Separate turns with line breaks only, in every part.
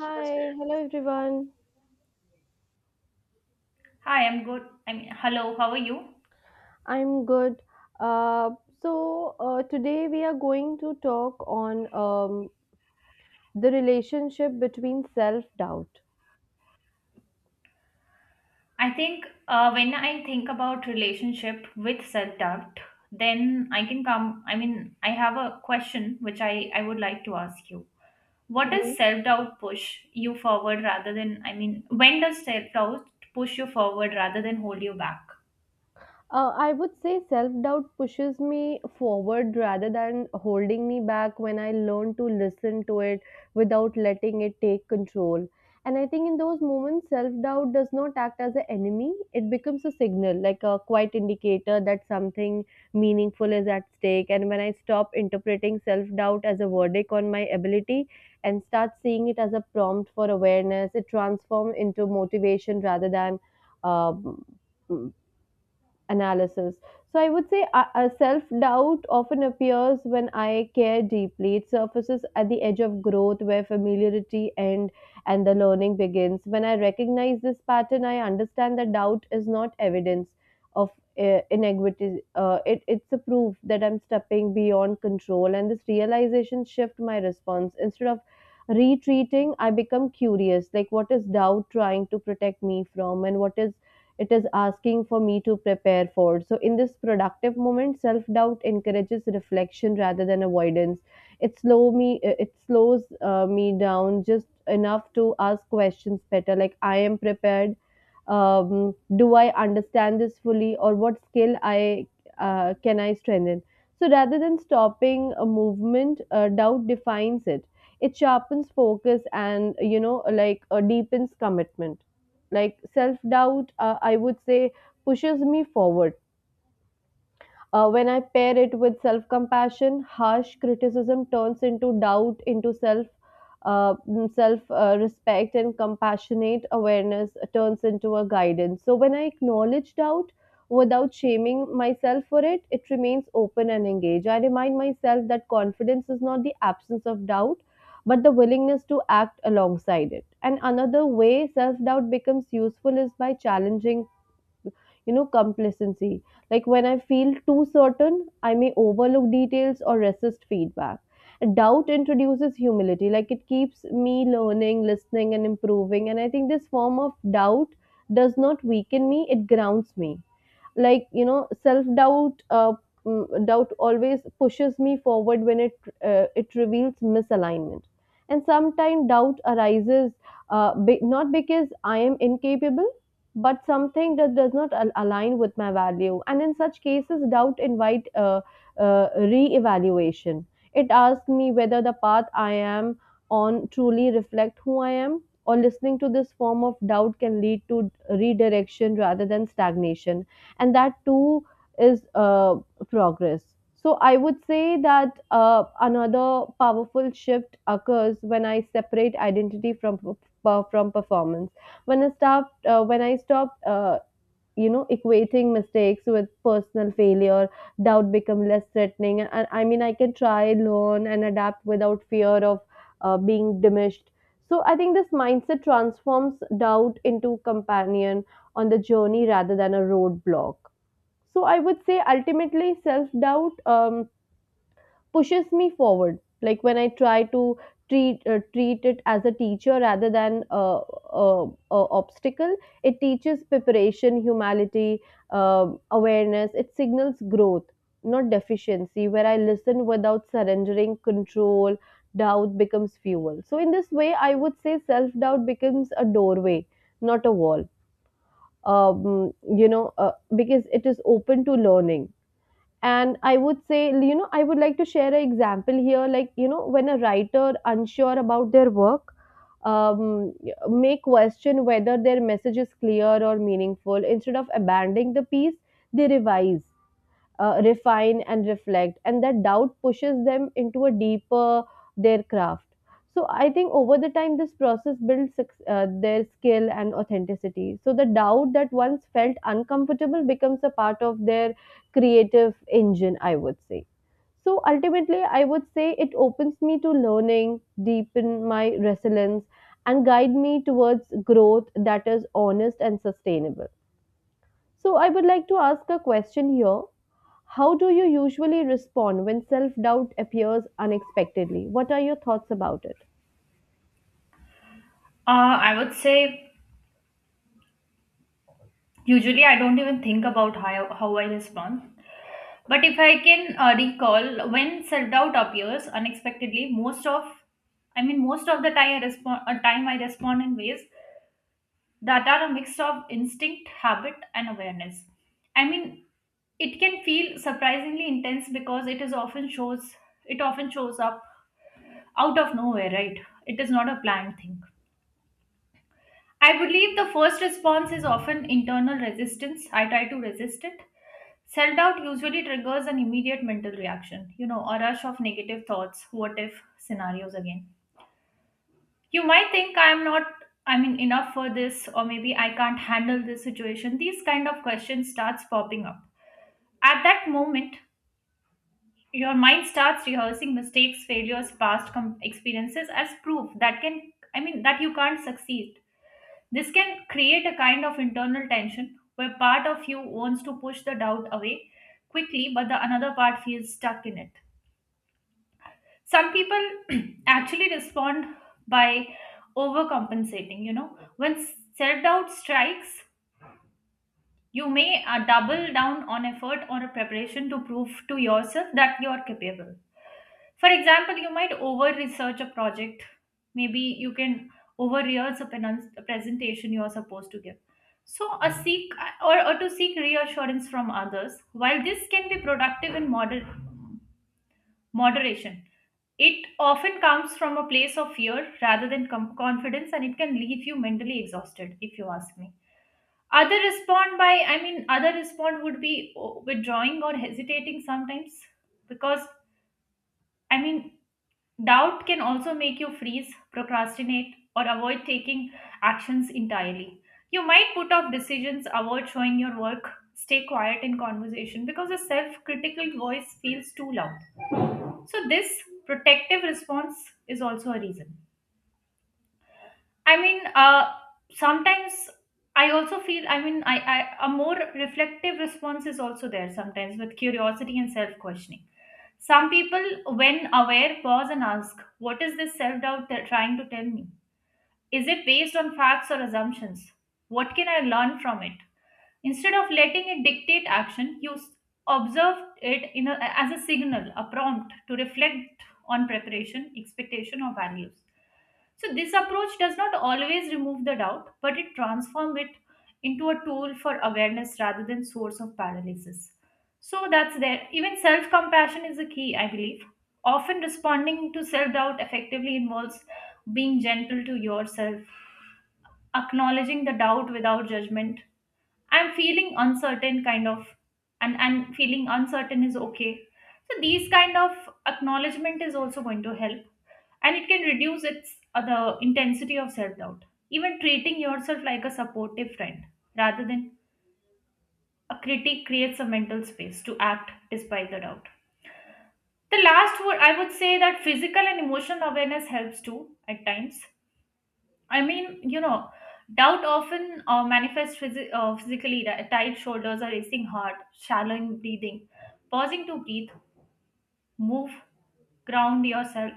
Hi, hello everyone.
Hi, I'm good. I mean, hello, how are you?
I'm good. Uh, so today we are going to talk on the relationship between self-doubt.
I think when I think about relationship with self-doubt, then I can come, I mean, I have a question which I would like to ask you. What
Mhm.
does self-doubt push you forward rather than, I mean, when does self-doubt push you forward rather than hold you back?
I would say self doubt pushes me forward rather than holding me back when I learn to listen to it without letting it take control. And I think in those moments, self doubt does not act as an enemy, it becomes a signal, like a quiet indicator that something meaningful is at stake. And when I stop interpreting self doubt as a verdict on my ability and start seeing it as a prompt for awareness, it transforms into motivation rather than. Uh, analysis. So I would say self-doubt often appears when I care deeply. It surfaces at the edge of growth where familiarity end and the learning begins. When I recognize this pattern, I understand that doubt is not evidence of inequity. It's a proof that I'm stepping beyond control and this realization shift my response. Instead of retreating, I become curious, like what is doubt trying to protect me from and what is it is asking for me to prepare for. So, in this productive moment, self doubt encourages reflection rather than avoidance. It slows me down just enough to ask questions better. Like, I am prepared. Do I understand this fully, or what skill I can I strengthen? So, rather than stopping a movement, doubt defines it. It sharpens focus and deepens commitment like self doubt, I would say, pushes me forward. When I pair it with self compassion, harsh criticism turns into doubt, into self respect, and compassionate awareness turns into a guidance. So when I acknowledge doubt without shaming myself for it, it remains open and engaged. I remind myself that confidence is not the absence of doubt. But the willingness to act alongside it. And another way self doubt becomes useful is by challenging complacency. Like when I feel too certain, I may overlook details or resist feedback. Doubt introduces humility, like it keeps me learning, listening, and improving. And I think this form of doubt does not weaken me, it grounds me like self doubt doubt always pushes me forward when it reveals misalignment and sometimes doubt arises not because I am incapable but something that does not align with my value. And in such cases doubt invite re-evaluation. It asks me whether the path I am on truly reflect who I am, or listening to this form of doubt can lead to redirection rather than stagnation. And that too is progress. So I would say that another powerful shift occurs when I separate identity from from performance. When I stopped, equating mistakes with personal failure, doubt become less threatening. And I mean, I can try, learn, and adapt without fear of being diminished. So I think this mindset transforms doubt into companion on the journey rather than a roadblock. So I would say ultimately self doubt pushes me forward. Like when I try to treat it as a teacher rather than a, a obstacle, it teaches preparation, humility, awareness. It signals growth, not deficiency. Where I listen without surrendering control, doubt becomes fuel. So in this way, I would say self doubt becomes a doorway, not a wall. Because it is open to learning, and I would say, I would like to share an example here. Like, when a writer unsure about their work um, may question whether their message is clear or meaningful, instead of abandoning the piece they revise, refine and reflect, and that doubt pushes them into a deeper their craft. So I think over the time this process builds their skill and authenticity, so the doubt that once felt uncomfortable becomes a part of their creative engine, I would say. So ultimately I would say it opens me to learning, deepen my resilience, and guide me towards growth that is honest and sustainable. So I would like to ask a question here. How do you usually respond when self doubt appears unexpectedly? What are your thoughts about it?
Uh, I would say usually I don't even think about how I respond. But if I can recall, when self-doubt appears unexpectedly, I mean, most of the time I time I respond in ways that are a mix of instinct, habit, and awareness. I mean, it can feel surprisingly intense because it often shows up out of nowhere, right? It is not a planned thing. I believe the first response is often internal resistance. I try to resist it. Self doubt usually triggers an immediate mental reaction, you know, a rush of negative thoughts, what if scenarios again. You might think I'm not, I mean, enough for this, or maybe I can't handle this situation. These kind of questions starts popping up. At that moment, your mind starts rehearsing mistakes, failures, experiences as proof I mean, that you can't succeed. This can create a kind of internal tension where part of you wants to push the doubt away quickly, but the another part feels stuck in it. Some people actually respond by overcompensating, you know. When self doubt strikes, you may double down on effort or a preparation to prove to yourself that you are capable. For example, you might over research a project. Maybe you can over rehearse a a presentation you are supposed to give. So, a seek or to seek reassurance from others. While this can be productive in moderation, it often comes from a place of fear rather than confidence, and it can leave you mentally exhausted, if you ask me. I mean, other respond would be oh, withdrawing or hesitating sometimes because I mean, doubt can also make you freeze, procrastinate, or avoid taking actions entirely. You might put off decisions, avoid showing your work, stay quiet in conversation because a self critical voice feels too loud. So, this protective response is also a reason. I mean, uh, Sometimes I also I mean, a more reflective response is also there sometimes with curiosity and self questioning. Some people, when aware, pause and ask, "What is this self doubt trying to tell me? Is it based on facts or assumptions? What can I learn from it?" Instead of letting it dictate action, observe it as a signal, a prompt to reflect on preparation, expectation, or values. So, this approach does not always remove the doubt, but it transforms it into a tool for awareness rather than source of paralysis. So, that's there. Even self compassion is a key, I believe. Often responding to self doubt effectively involves being gentle to yourself, acknowledging the doubt without judgment. I'm feeling uncertain, kind of, and feeling uncertain is okay. So these kind of acknowledgement is also going to help, and it can reduce its the intensity of self doubt. Even treating yourself like a supportive friend rather than a critic creates a mental space to act despite the doubt. The last word I would say that physical and emotional awareness helps too at times. I mean, you know, doubt often manifests physically, tight shoulders, a racing heart, shallow in breathing. Pausing to breathe, move, ground yourself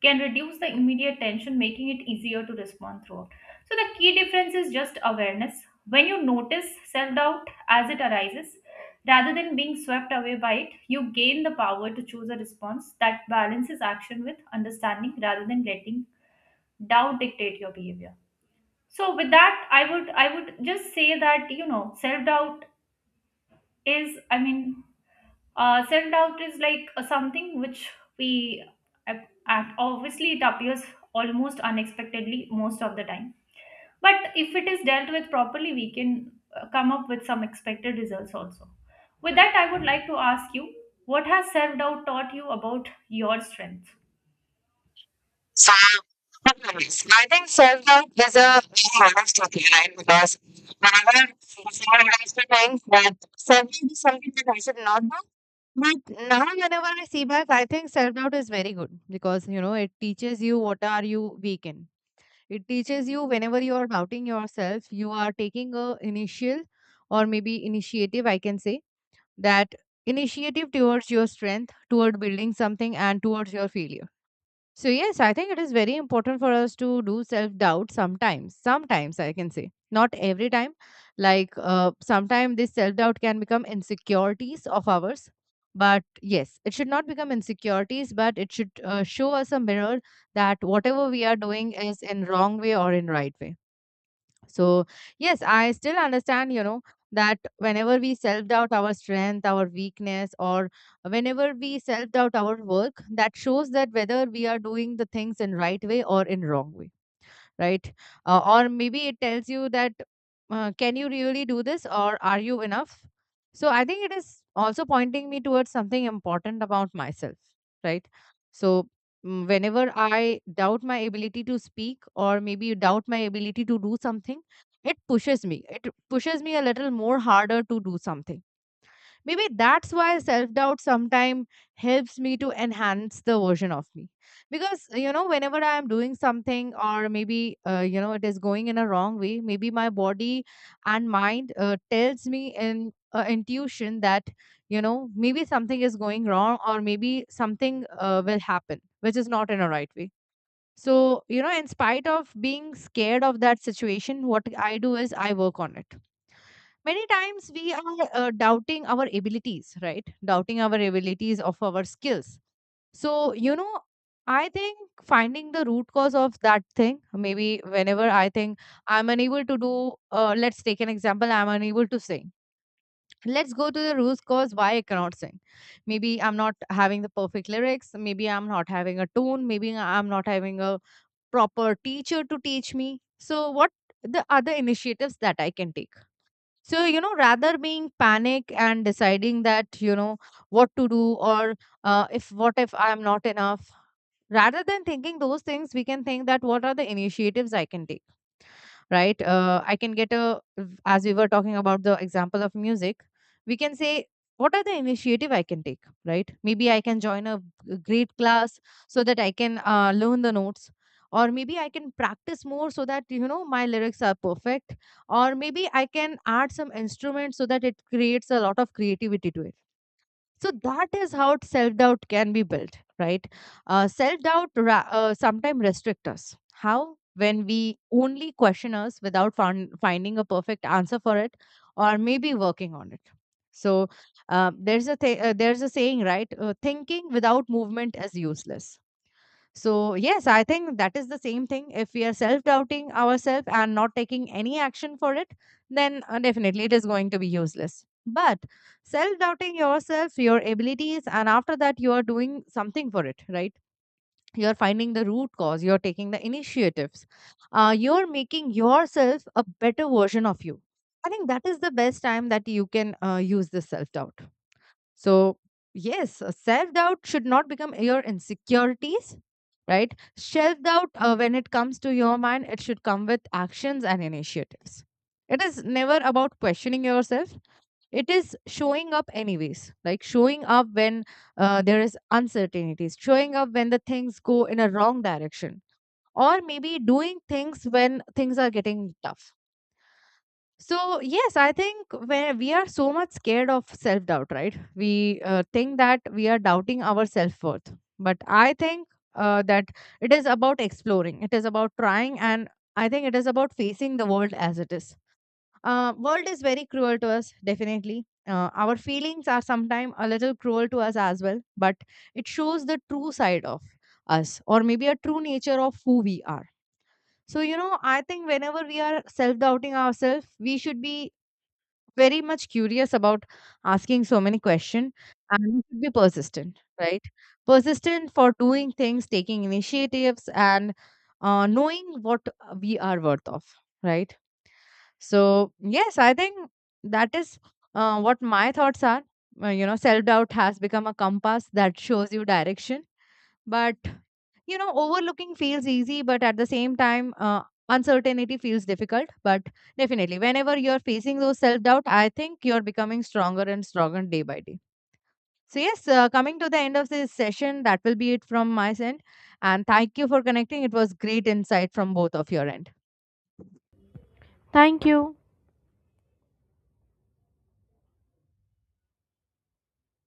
can reduce the immediate tension, making it easier to respond throughout. So, the key difference is just awareness. When you notice self doubt as it arises, rather than being swept away by it, you gain the power to choose a response that balances action with understanding rather than letting doubt dictate your behavior. So with that, I would just say that, you know, self doubt is, self doubt is like something which we act. Obviously it appears almost unexpectedly most of the time, but if it is dealt with properly we can come up with some expected results also. With that, I would like to ask you, what has self doubt taught you about your strength?
So, nice. I think self doubt is a lot of tricky, right? Because whenever someone used to think that self doubt is something that I should not do, but now, whenever I see back, I think self doubt is very good because you know it teaches you what are you weak in. It teaches you whenever you are doubting yourself, you are taking a initial or maybe initiative. I can say that initiative towards your strength, toward building something, and towards your failure. So, yes, I think it is very important for us to do self doubt sometimes. Sometimes, I can say, not every time. Like, sometimes this self doubt can become insecurities of ours. But yes, it should not become insecurities, but it should show us a mirror that whatever we are doing is in wrong way or in right way. So, yes, I still understand, that whenever we self doubt our strength, our weakness, or whenever we self doubt our work, that shows that whether we are doing the things in right way or in wrong way, right? Or maybe it tells you that, can you really do this or are you enough? So I think it is also pointing me towards something important about myself, right? So whenever I doubt my ability to speak or maybe doubt my ability to do something, it pushes me. It pushes me a little more harder to do something. Maybe that's why self doubt sometimes helps me to enhance the version of me. Because, you know, whenever I am doing something or maybe, it is going in a wrong way, maybe my body and mind tells me in intuition that, maybe something is going wrong or maybe something will happen, which is not in a right way. So, you know, in spite of being scared of that situation, what I do is I work on it. Many times we are doubting our abilities, right? Doubting our abilities of our skills. So, you know, I think finding the root cause of that thing, maybe whenever I think I'm unable to do, let's take an example, I'm unable to sing. Let's go to the root cause why I cannot sing. Maybe I'm not having the perfect lyrics, maybe I'm not having a tone, maybe I'm not having a proper teacher to teach me. So what the other initiatives that I can take? So, you know, rather being panic and deciding that, what to do, or if what if I'm not enough, rather than thinking those things, we can think that what are the initiatives I can take, right? I can get a, as we were talking about the example of music, we can say, what are the initiative I can take, right? Maybe I can join a great class so that I can learn the notes. Or maybe I can practice more so that you know my lyrics are perfect. Or maybe I can add some instruments so that it creates a lot of creativity to it. So that is how self doubt can be built, right? Self doubt sometimes restrict us. How? When we only question us without finding a perfect answer for it, or maybe working on it. So there's a saying, right? Thinking without movement is useless. So, yes, I think that is the same thing. If we are self doubting ourselves and not taking any action for it, then definitely it is going to be useless. But self doubting yourself, your abilities, and after that, you are doing something for it, right? You're finding the root cause, you're taking the initiatives, you're making yourself a better version of you. I think that is the best time that you can use this self doubt. So, yes, self doubt should not become your insecurities, right? Self doubt, when it comes to your mind, it should come with actions and initiatives. It is never about questioning yourself. It is showing up, anyways, like showing up when there is uncertainties, showing up when the things go in a wrong direction, or maybe doing things when things are getting tough. So, yes, I think when we are so much scared of self doubt, right? We think that we are doubting our self worth. But I think that it is about exploring, it is about trying, and I think it is about facing the world as it is. World is very cruel to us, definitely. Our feelings are sometimes a little cruel to us as well, but it shows the true side of us, or maybe a true nature of who we are. So, you know, I think whenever we are self doubting ourselves, we should be very much curious about asking so many questions, and we should be persistent, right? Persistent for doing things, taking initiatives, and knowing what we are worth of, right? So yes, I think that is what my thoughts are. You know self doubt has become a compass that shows you direction, but you know, overlooking feels easy, but at the same time, uncertainty feels difficult. But definitely, whenever you're facing those self doubt, I think you're becoming stronger and stronger day by day. So, yes, coming to the end of this session, that will be it from my end. And thank you for connecting. It was great insight from both of your end.
Thank you.